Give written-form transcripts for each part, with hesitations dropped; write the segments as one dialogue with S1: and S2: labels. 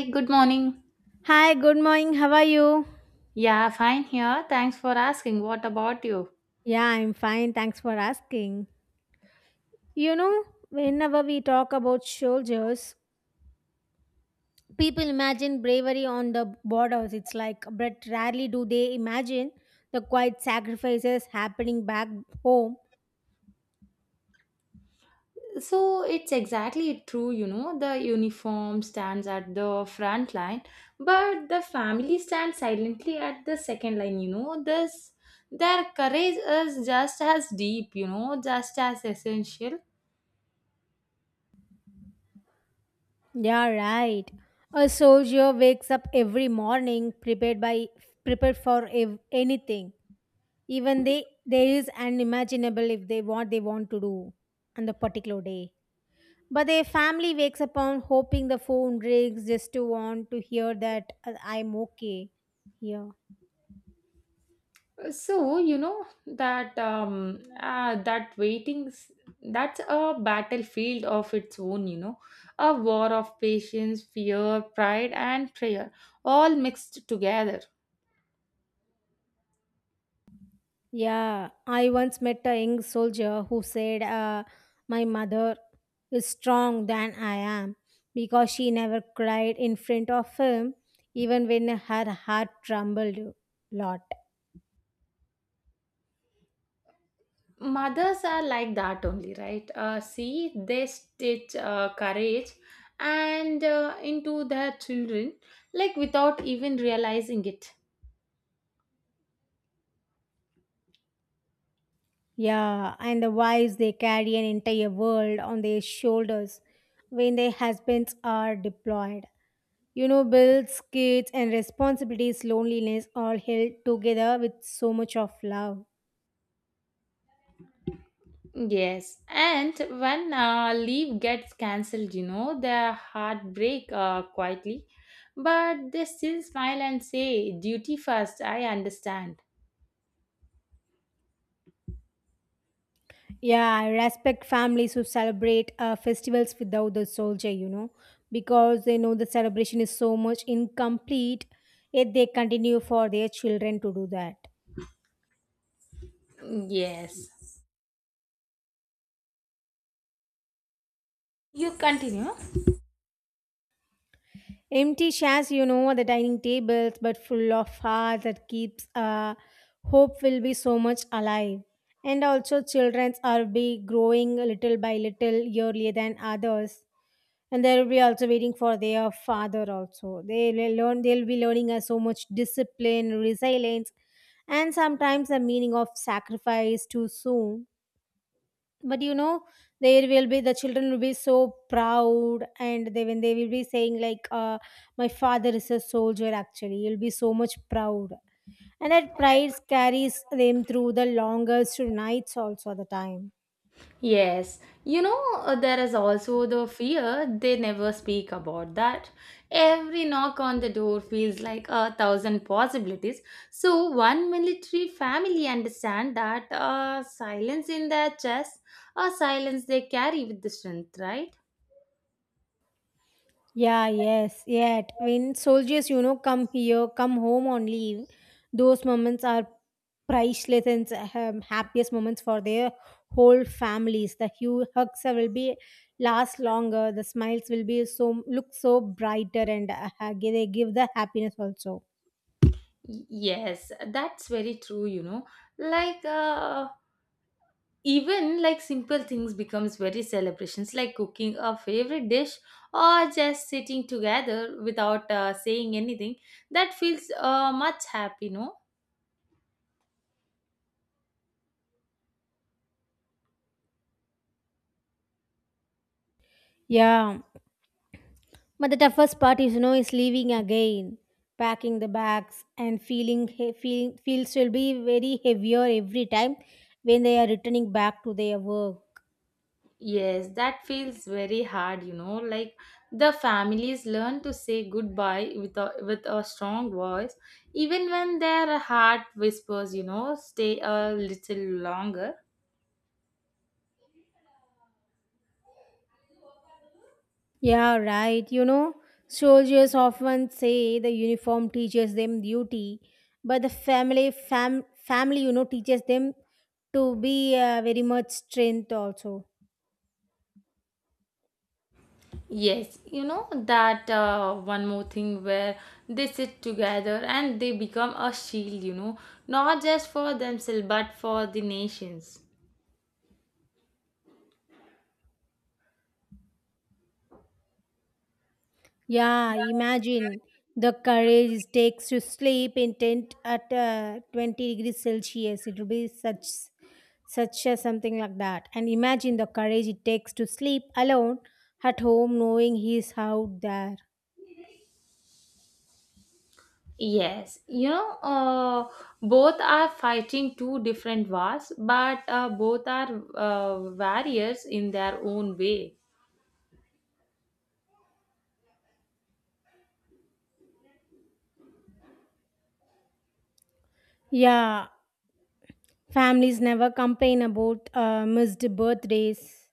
S1: Hey, good morning.
S2: Hi, good morning. How are you?
S1: Yeah, fine here. Thanks for asking. What about you?
S2: Yeah, I'm fine. Thanks for asking. You know, Whenever we talk about soldiers, people imagine bravery on the borders. It's like, but rarely do they imagine the quiet sacrifices happening back home.
S1: So it's exactly true, the uniform stands at the front line, but the family stands silently at the second line, This their courage is just as deep, just as essential.
S2: Yeah, right. A soldier wakes up every morning prepared for anything even they there is unimaginable if they what they want to do on the particular day. But their family wakes up on hoping the phone rings just to want to hear that I'm okay here.
S1: So that waiting's that's a battlefield of its own. A war of patience, fear, pride, and prayer, all mixed together.
S2: Yeah, I once met a young soldier who said, my mother is strong than I am because she never cried in front of him, even when her heart trembled a lot.
S1: Mothers are like that only, right? See, they stitch courage and into their children, like without even realizing it.
S2: Yeah, and the wives, they carry an entire world on their shoulders when their husbands are deployed. You know, bills, kids, and responsibilities, loneliness, all held together with so much of love.
S1: Yes, and when leave gets cancelled, the heartbreak quietly, but they still smile and say, duty first, I understand.
S2: Yeah, I respect families who celebrate festivals without the soldier, you know, because they know the celebration is so much incomplete, yet they continue for their children to do that.
S1: Yes, you continue.
S2: Empty chairs, you know, at the dining tables, but full of hearts that keeps hope will be so much alive. And also, childrens are be growing little by little earlier than others, and they will be also waiting for their father. Also, they will learn. They'll be learning so much discipline, resilience, and sometimes the meaning of sacrifice too soon, but you know there will be the children will be so proud and they when they will be saying like, my father is a soldier, actually he'll be so much proud, and that pride carries them through the longest nights also at the time.
S1: Yes, there is also the fear they never speak about that. Every knock on the door feels like a thousand possibilities. So, one military family understand that silence in their chest, a silence they carry with the strength, right?
S2: Yeah, yes, yet when soldiers, you know, come home on leave, those moments are priceless and happiest moments for their whole families. The hue hugs will be last longer. The smiles will be so look so brighter, and they give the happiness also.
S1: Yes, that's very true, Like, even like simple things becomes very celebrations like cooking a favorite dish or just sitting together without saying anything that feels much happy no.
S2: Yeah, but the toughest part is, you know, is leaving again, packing the bags and feeling feels will be very heavier every time when they are returning back to their work.
S1: Yes, that feels very hard, like the families learn to say goodbye with a strong voice even when their heart whispers, stay a little longer.
S2: Yeah, right. You know, soldiers often say the uniform teaches them duty, but the family, you know, teaches them to be very much strength also.
S1: Yes, you know that one more thing where they sit together and they become a shield, not just for themselves but for the nations.
S2: Yeah, imagine the courage it takes to sleep in tent at 20 degrees Celsius. It will be such a something like that. And imagine the courage it takes to sleep alone at home knowing he's out there.
S1: Yes, both are fighting two different wars, but both are warriors in their own way.
S2: Yeah, families never complain about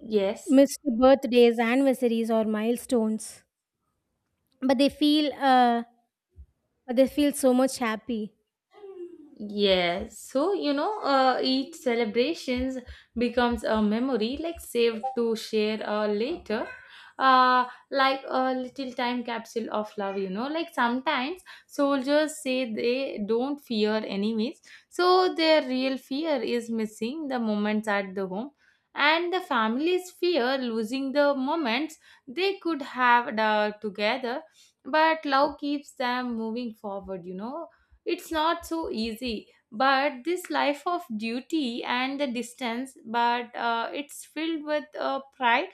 S1: Yes.
S2: missed birthdays, anniversaries, or milestones. But they feel, so much happy.
S1: Yes, so each celebrations becomes a memory like saved to share later, uh, like a little time capsule of love. Like sometimes soldiers say they don't fear enemies, so their real fear is missing the moments at the home, and the families fear losing the moments they could have together. But love keeps them moving forward. It's not so easy, but this life of duty and the distance, but it's filled with a pride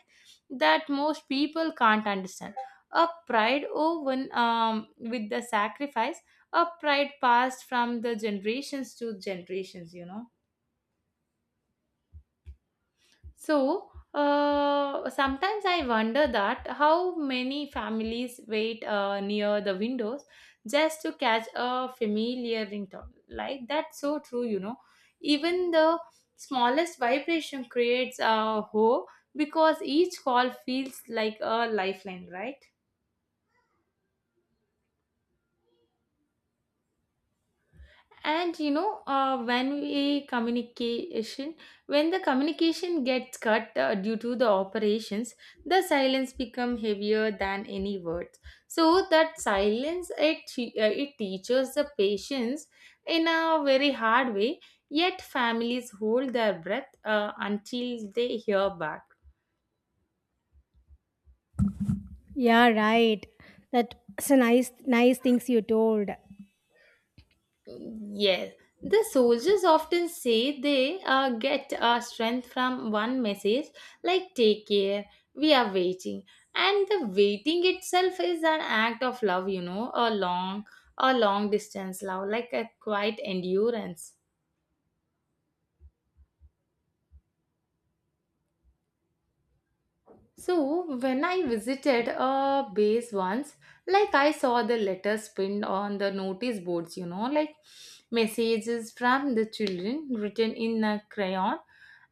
S1: that most people can't understand. A pride woven with the sacrifice, a pride passed from the generations to generations, So, sometimes I wonder that how many families wait near the windows just to catch a familiar ringtone. Like that's so true, Even the smallest vibration creates a hope because each call feels like a lifeline, right? And when we communication when the communication gets cut due to the operations, the silence become heavier than any words. So that silence it teaches the patience in a very hard way, yet families hold their breath until they hear back.
S2: Yeah, right. That's a nice things you told.
S1: Yes, the soldiers often say they get strength from one message like take care, we are waiting. And the waiting itself is an act of love, a long distance love, like a quiet endurance. So, when I visited a base once, like I saw the letters pinned on the notice boards, like messages from the children written in a crayon.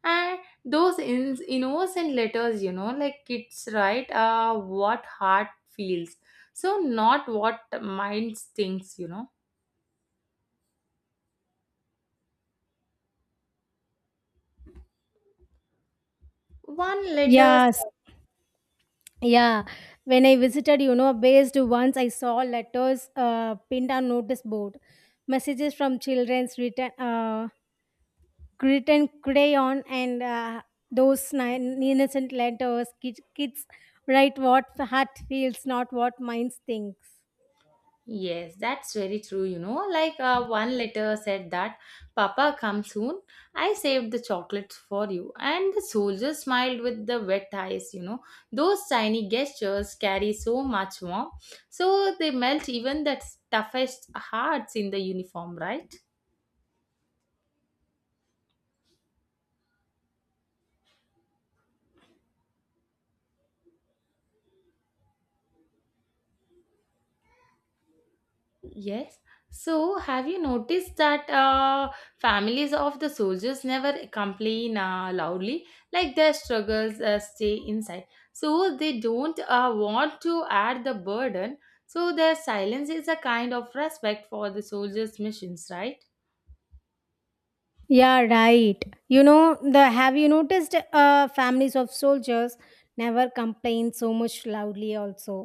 S1: And those innocent letters, like kids write what heart feels. So, not what mind thinks, One letter.
S2: Yes, yeah. When I visited, you know, based once I saw letters pinned on notice board, messages from children's written. Grit and crayon and those innocent letters kids write what heart feels not what mind thinks.
S1: Yes, that's very true. Like one letter said that, Papa, come soon. I saved the chocolates for you. And the soldier smiled with the wet eyes. Those tiny gestures carry so much warmth. So they melt even the toughest hearts in the uniform, right? Yes. So, have you noticed that families of the soldiers never complain loudly, like their struggles stay inside? So, they don't want to add the burden. So, their silence is a kind of respect for the soldiers' missions, right?
S2: Yeah, right. You know the have you noticed families of soldiers never complain so much loudly also,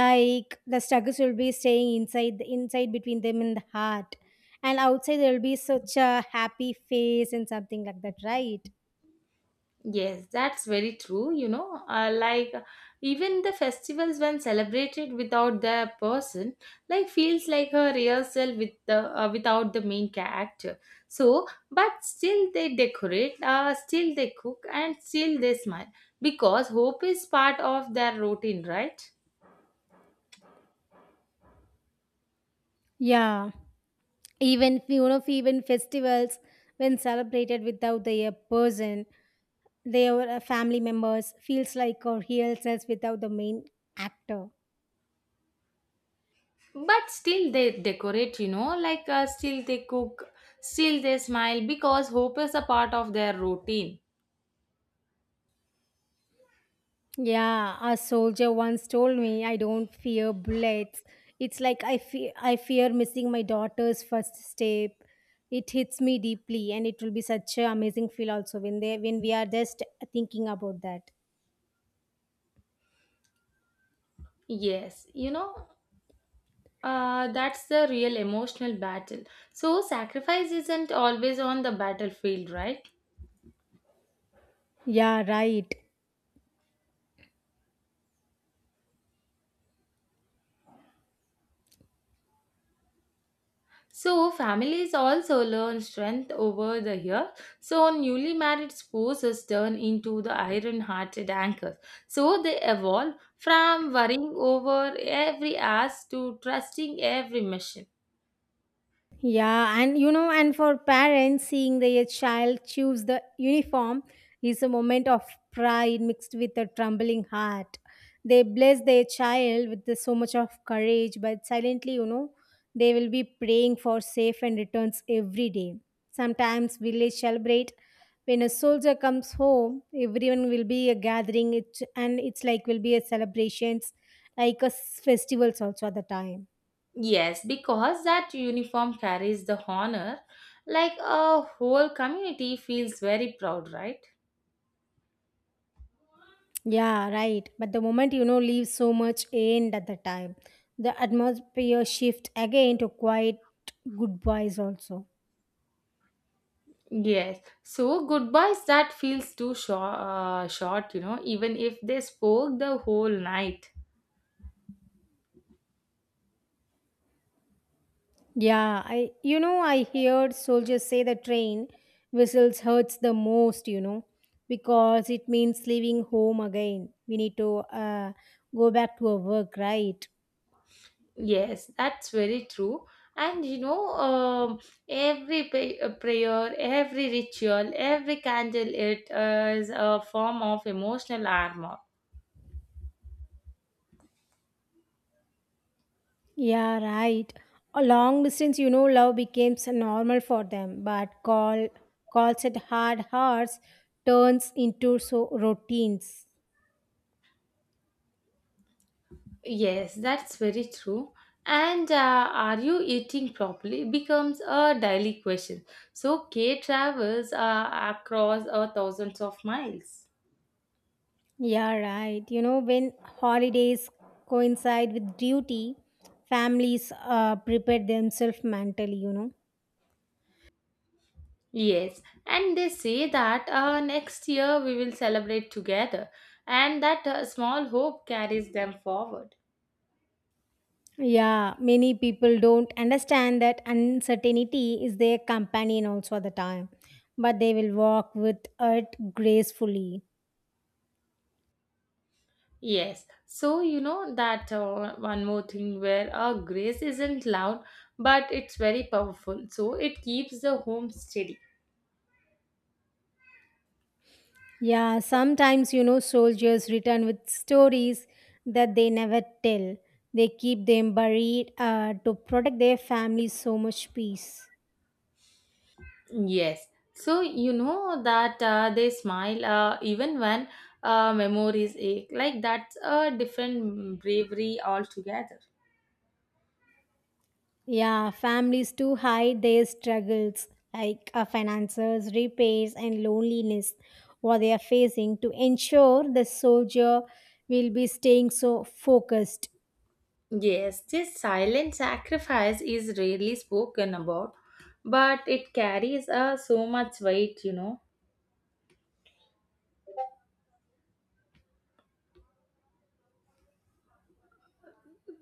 S2: like the struggles will be staying inside between them in the heart, and outside there will be such a happy face and something like that, right?
S1: Yes, that's very true. Like even the festivals when celebrated without the person, like feels like a real self with the without the main character. So, but still they decorate, still they cook, and still they smile because hope is part of their routine, right?
S2: Yeah, even you know, even festivals when celebrated without the person, their family members feels like a real sense without the main actor.
S1: But still they decorate. Like still they cook, still they smile because hope is a part of their routine.
S2: Yeah, a soldier once told me I don't fear bullets. It's like I fear missing my daughter's first step. It hits me deeply and it will be such an amazing feel also when they when we are just thinking about that.
S1: Yes, that's the real emotional battle. So, sacrifice isn't always on the battlefield, right?
S2: Yeah, right.
S1: So, families also learn strength over the year. So, newly married spouses turn into the iron hearted anchors. So, they evolve from worrying over every ask to trusting every mission.
S2: Yeah, and you know, and for parents, seeing their child choose the uniform is a moment of pride mixed with a trembling heart. They bless their child with so much of courage, but silently, you know, they will be praying for safe and returns every day. Sometimes village celebrate when a soldier comes home. Everyone will be a gathering, it's like will be a celebrations, like a festivals also at the time.
S1: Yes, because that uniform carries the honor, like a whole community feels very proud, right?
S2: Yeah, right. But the moment you know leaves so much end at the time, the atmosphere shift again to quiet goodbyes also.
S1: Yes. So goodbyes that feels too short, short, even if they spoke the whole night.
S2: Yeah, I you know I heard soldiers say the train whistles hurts the most, you know, because it means leaving home again. We need to go back to our work, right?
S1: Yes, that's very true. And every prayer, every ritual, every candle, it is a form of emotional armor.
S2: Yeah, right. A long distance, you know, love becomes normal for them, but calls at hard hours turns into so routines.
S1: Yes, that's very true. And are you eating properly becomes a daily question. So Kay travels across thousands of miles.
S2: Yeah, right. You know, when holidays coincide with duty, families prepare themselves mentally, you know.
S1: Yes, and they say that next year we will celebrate together, and that small hope carries them forward.
S2: Yeah, many people don't understand that uncertainty is their companion also at the time, but they will walk with it gracefully.
S1: Yes, so you know that one more thing where grace isn't loud, but it's very powerful, so it keeps the home steady.
S2: Yeah, sometimes you know soldiers return with stories that they never tell. They keep them buried to protect their families so much peace.
S1: Yes, so you know that they smile even when memories ache, like that's a different bravery altogether.
S2: Yeah, families too hide their struggles like finances, repairs, and loneliness what they are facing to ensure the soldier will be staying so focused.
S1: Yes, this silent sacrifice is rarely spoken about, but it carries so much weight,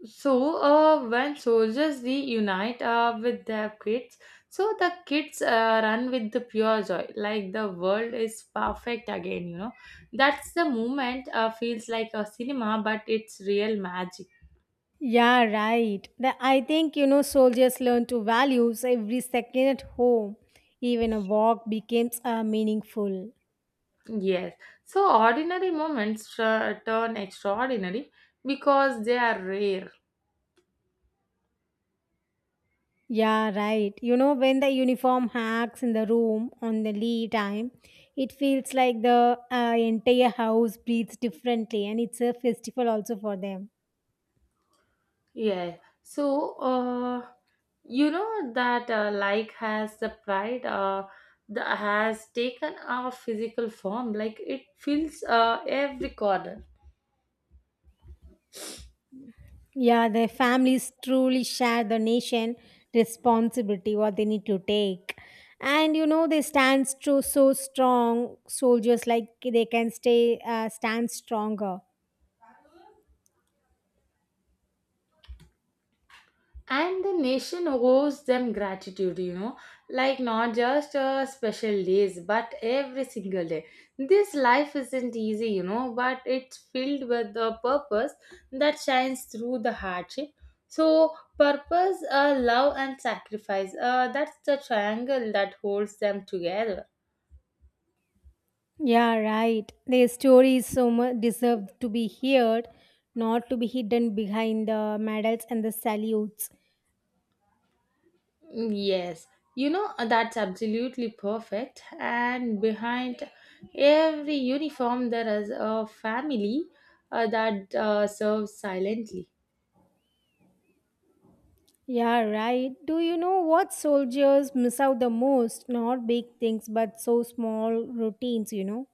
S1: So, when soldiers reunite with their kids, so the kids run with the pure joy, like the world is perfect again, That's the moment feels like a cinema, but it's real magic.
S2: Yeah, right. I think, you know, soldiers learn to values every second at home. Even a walk becomes meaningful.
S1: Yes. So, ordinary moments turn extraordinary because they are rare.
S2: Yeah, right. You know, when the uniform hacks in the room on the lee time, it feels like the entire house breathes differently and it's a festival also for them.
S1: Yeah. So, you know that like has the pride has taken a physical form. Like it fills every corner.
S2: Yeah, the families truly share the nation responsibility, what they need to take. And you know, they stand so, so strong, soldiers like they can stand stronger.
S1: And the nation owes them gratitude, like not just special days but every single day. This life isn't easy, but it's filled with a purpose that shines through the hardship. So purpose, love and sacrifice, that's the triangle that holds them together.
S2: Yeah, right. Their stories so much deserve to be heard, not to be hidden behind the medals and the salutes.
S1: Mm, yes, that's absolutely perfect. And behind every uniform, there is a family that serves silently.
S2: Yeah, right. Do you know what soldiers miss out the most? Not big things, but so small routines, you know?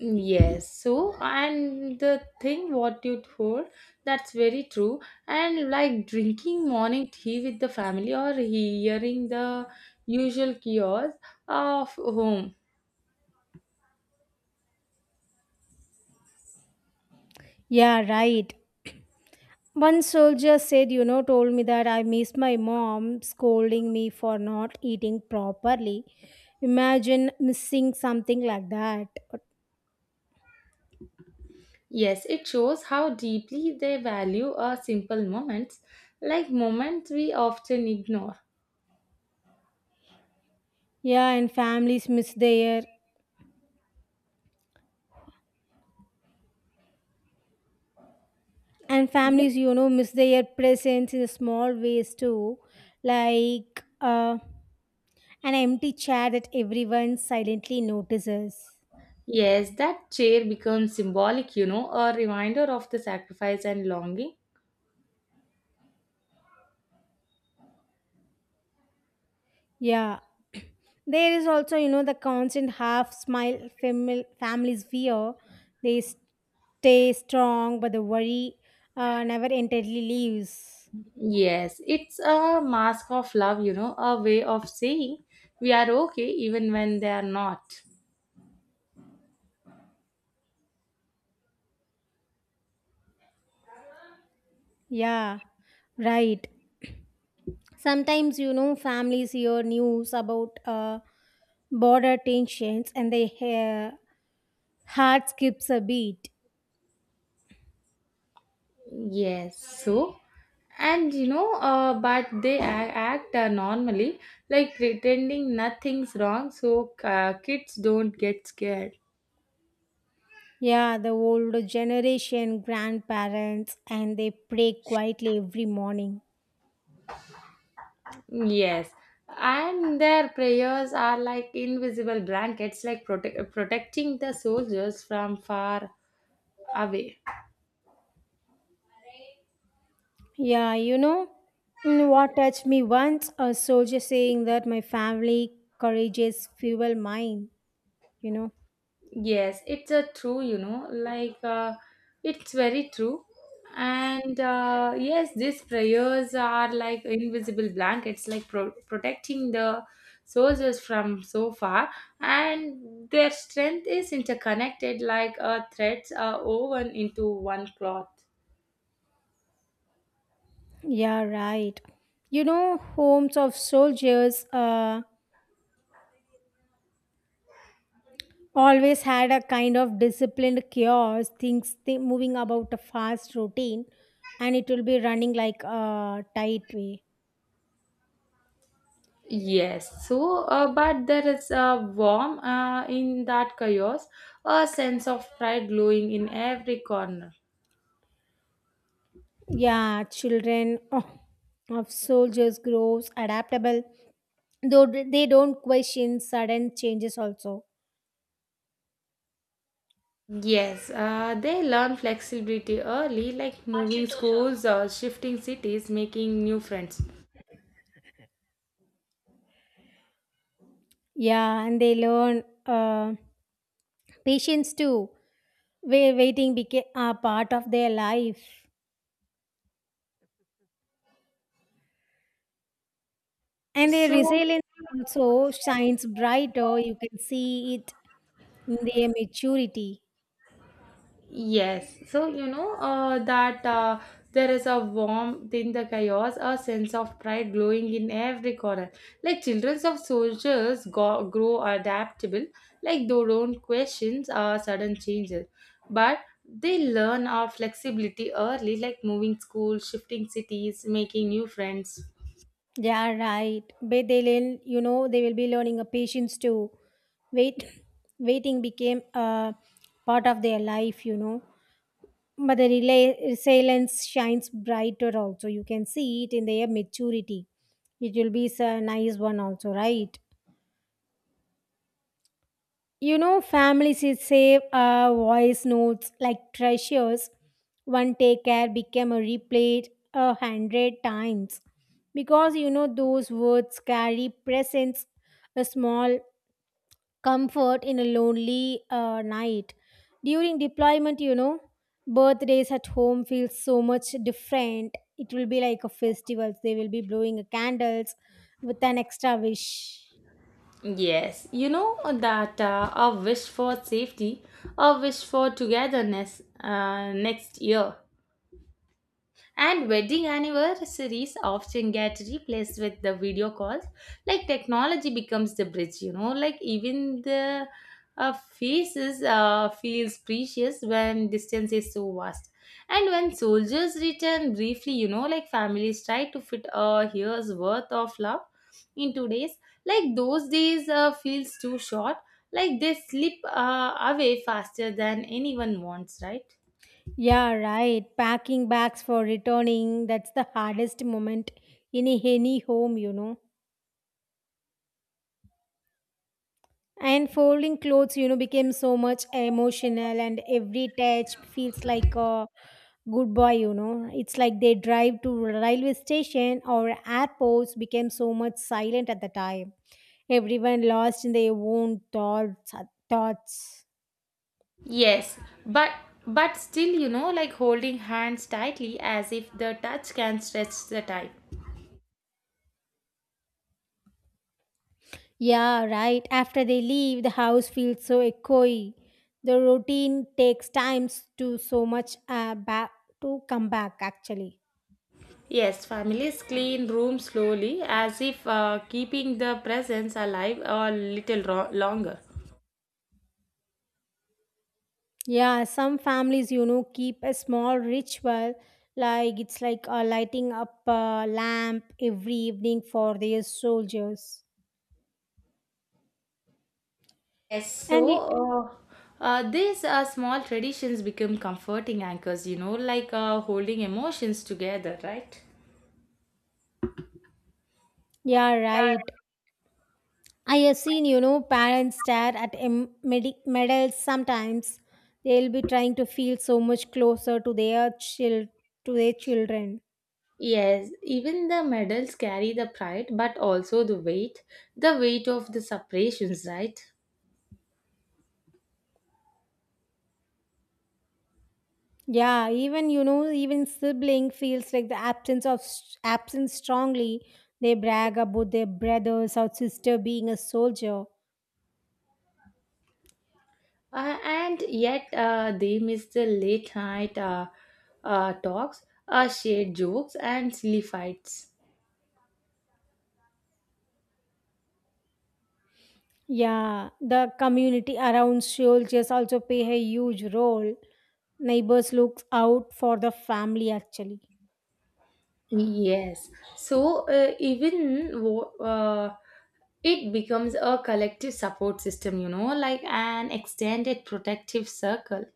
S1: Mm, yes, so and the thing what you told, that's very true. And like drinking morning tea with the family or hearing the usual chaos of home.
S2: Yeah, right. One soldier said, you know, told me that I miss my mom scolding me for not eating properly. Imagine missing something like that.
S1: Yes, it shows how deeply they value our simple moments, like moments we often ignore.
S2: Yeah, and families, you know, miss their presence in small ways too, like an empty chair that everyone silently notices.
S1: Yes, that chair becomes symbolic, a reminder of the sacrifice and longing.
S2: Yeah. There is also, you know, the constant half smile family's fear. They stay strong, but the worry never entirely leaves.
S1: Yes, it's a mask of love, a way of saying we are okay even when they are not.
S2: Yeah, right. Sometimes, you know, families hear news about border tensions and their heart skips a beat.
S1: Yes, so and but they act normally, like pretending nothing's wrong so kids don't get scared.
S2: Yeah, the older generation, grandparents, and they pray quietly every morning.
S1: Yes, and their prayers are like invisible blankets, like protecting the soldiers from far away.
S2: Yeah, you know, what touched me once? A soldier saying that my family courageous fuel mine, you know.
S1: Yes, it's a true, like it's very true. And yes, these prayers are like invisible blankets, like protecting the soldiers from so far. And their strength is interconnected like threads are woven into one cloth.
S2: Yeah, right. You know, homes of soldiers always had a kind of disciplined chaos, things moving about a fast routine, and it will be running like a tight way.
S1: Yes, so but there is a warm in that chaos, a sense of pride glowing in every corner.
S2: Yeah, children of soldiers grows adaptable, though they don't question sudden changes also.
S1: Yes, they learn flexibility early, like moving schools or shifting cities, making new friends.
S2: Yeah, and they learn patience too, where waiting became a part of their life. And their
S1: So,
S2: resilience also shines brighter. You can see it in their maturity.
S1: yes, so you know that there is a warmth in the chaos, a sense of pride glowing in every corner. Like children of soldiers grow adaptable, like they don't question sudden changes, but they learn our flexibility early, like moving schools, shifting cities, making new friends.
S2: Yeah, right. But they learn, you know, they will be learning a patience too. Wait, waiting became a part of their life, you know. But the resilience shines brighter also. You can see it in their maturity. It will be a nice one also, right? You know, families is save voice notes like treasures. One take care became a replayed 100 times because you know those words carry presence, a small comfort in a lonely night. During deployment, you know, birthdays at home feels so much different. It will be like a festival. They will be blowing candles with an extra wish.
S1: Yes, you know that a wish for safety, a wish for togetherness next year. And wedding anniversaries often get replaced with the video calls. Like technology becomes the bridge, Like even the faces feels precious when distance is so vast. And when soldiers return briefly, like families try to fit a year's worth of love into days. Like those days feels too short. Like they slip away faster than anyone wants, right?
S2: Yeah, right. Packing bags for returning, that's the hardest moment in any home, you know. And folding clothes, you know, became so much emotional, and every touch feels like a goodbye, you know. It's like they drive to railway station or airports became so much silent at the time. Everyone lost in their own thoughts.
S1: Yes, but still, like holding hands tightly as if the touch can stretch the time.
S2: Yeah, right. After they leave, the house feels so echoey. The routine takes times to so much back to come back actually.
S1: Yes, families clean rooms slowly as if keeping the presence alive a little longer.
S2: Yeah, some families, you know, keep a small ritual, like it's like lighting up a lamp every evening for their soldiers.
S1: Yes, so
S2: And y-
S1: these small traditions become comforting anchors, like holding emotions together, right?
S2: yeah, right. I have seen, you know, parents stare at medals sometimes. They'll be trying to feel so much closer to their child to their children.
S1: Yes, even the medals carry the pride, but also the weight of the separations, right?
S2: Yeah, even you know, even sibling feels like the absence of absence strongly. They brag about their brothers or sister being a soldier.
S1: And yet, they miss the late night talks, shared jokes, and silly fights.
S2: Yeah, the community around soldiers also play a huge role. Neighbors look out for the family actually.
S1: Yes. So, even it becomes a collective support system, like an extended protective circle.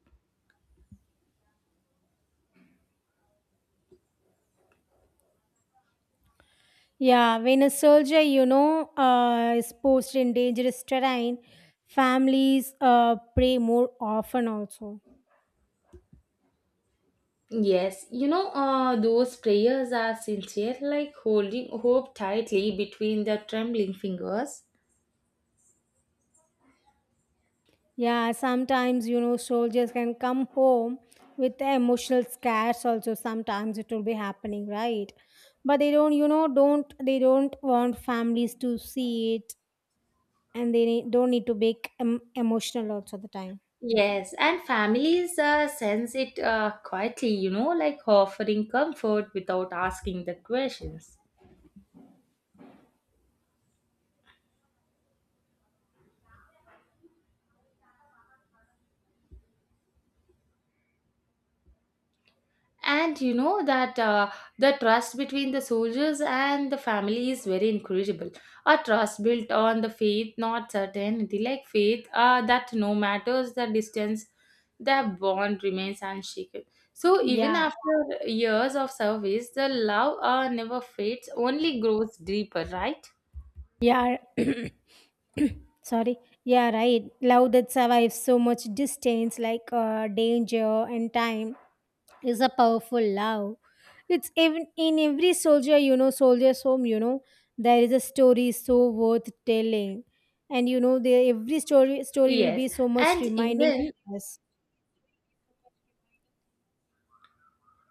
S2: Yeah, when a soldier, you know, is posted in dangerous terrain, families pray more often also.
S1: Yes, those prayers are sincere, like holding hope tightly between the trembling fingers.
S2: Yeah, sometimes you know soldiers can come home with emotional scars also sometimes it will be happening, right? But they don't you know don't they don't want families to see it and they don't need to be emotional also the time.
S1: Yes, and families sense it quietly, like offering comfort without asking the questions. And you know that the trust between the soldiers and the family is very incredible. A trust built on the faith, not certainty, like faith that no matters the distance, the bond remains unshaken. So even
S2: Yeah.
S1: after years of service, the love never fades, only grows deeper, right?
S2: Yeah. Sorry. Yeah, right. Love that survives so much distance, like danger and time is a powerful love. It's even in every soldier, you know, soldier's home, you know, there is a story so worth telling. And you know, the every story will
S1: Yes,
S2: be so much
S1: and
S2: reminding
S1: even
S2: us.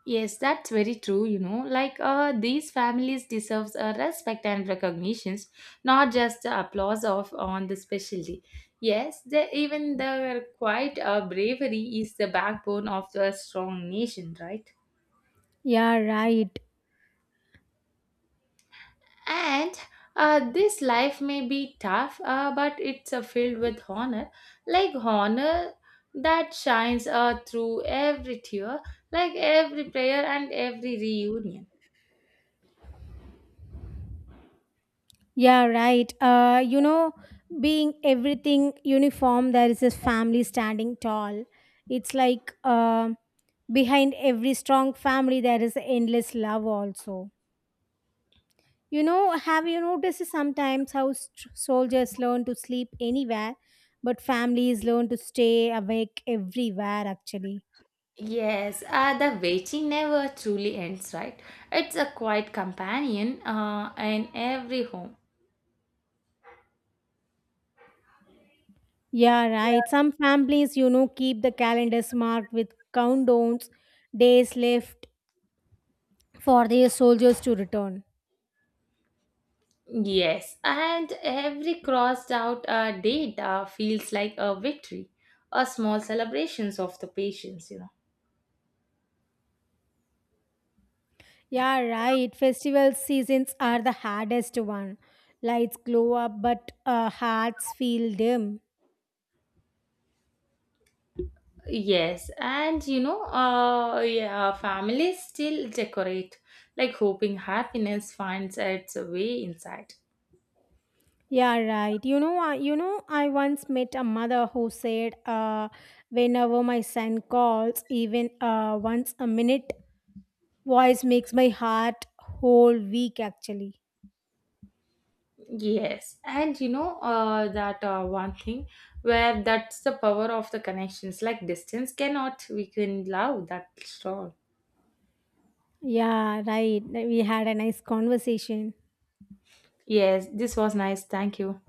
S1: yes, that's very true. Like these families deserves a respect and recognitions, not just the applause of on the special. Yes, the, even their quite bravery is the backbone of the strong nation, right?
S2: Yeah, right.
S1: And this life may be tough, but it's filled with honor, like honor that shines through every tear, like every prayer and every reunion.
S2: Yeah, right. You know, being everything uniform, there is a family standing tall. It's like behind every strong family, there is endless love also. You know, have you noticed sometimes how soldiers learn to sleep anywhere, but families learn to stay awake everywhere, actually?
S1: Yes, the waiting never truly ends, right? It's a quiet companion in every home.
S2: Yeah, right. Some families, you know, keep the calendars marked with countdowns, days left for their soldiers to return.
S1: Yes, and every crossed out date feels like a victory, a small celebrations of the patience,
S2: Yeah, right. Festival seasons are the hardest one. Lights glow up, but hearts feel dim.
S1: Yes, and yeah, families still decorate, like hoping happiness finds its way inside.
S2: Yeah, right. You know, I once met a mother who said, "Whenever my son calls, even once a minute, voice makes my heart whole week." Actually,
S1: Yes, and you know that one thing where that's the power of the connections. Like distance cannot weaken love that strong.
S2: yeah, right. We had a nice conversation.
S1: Yes, this was nice. Thank you.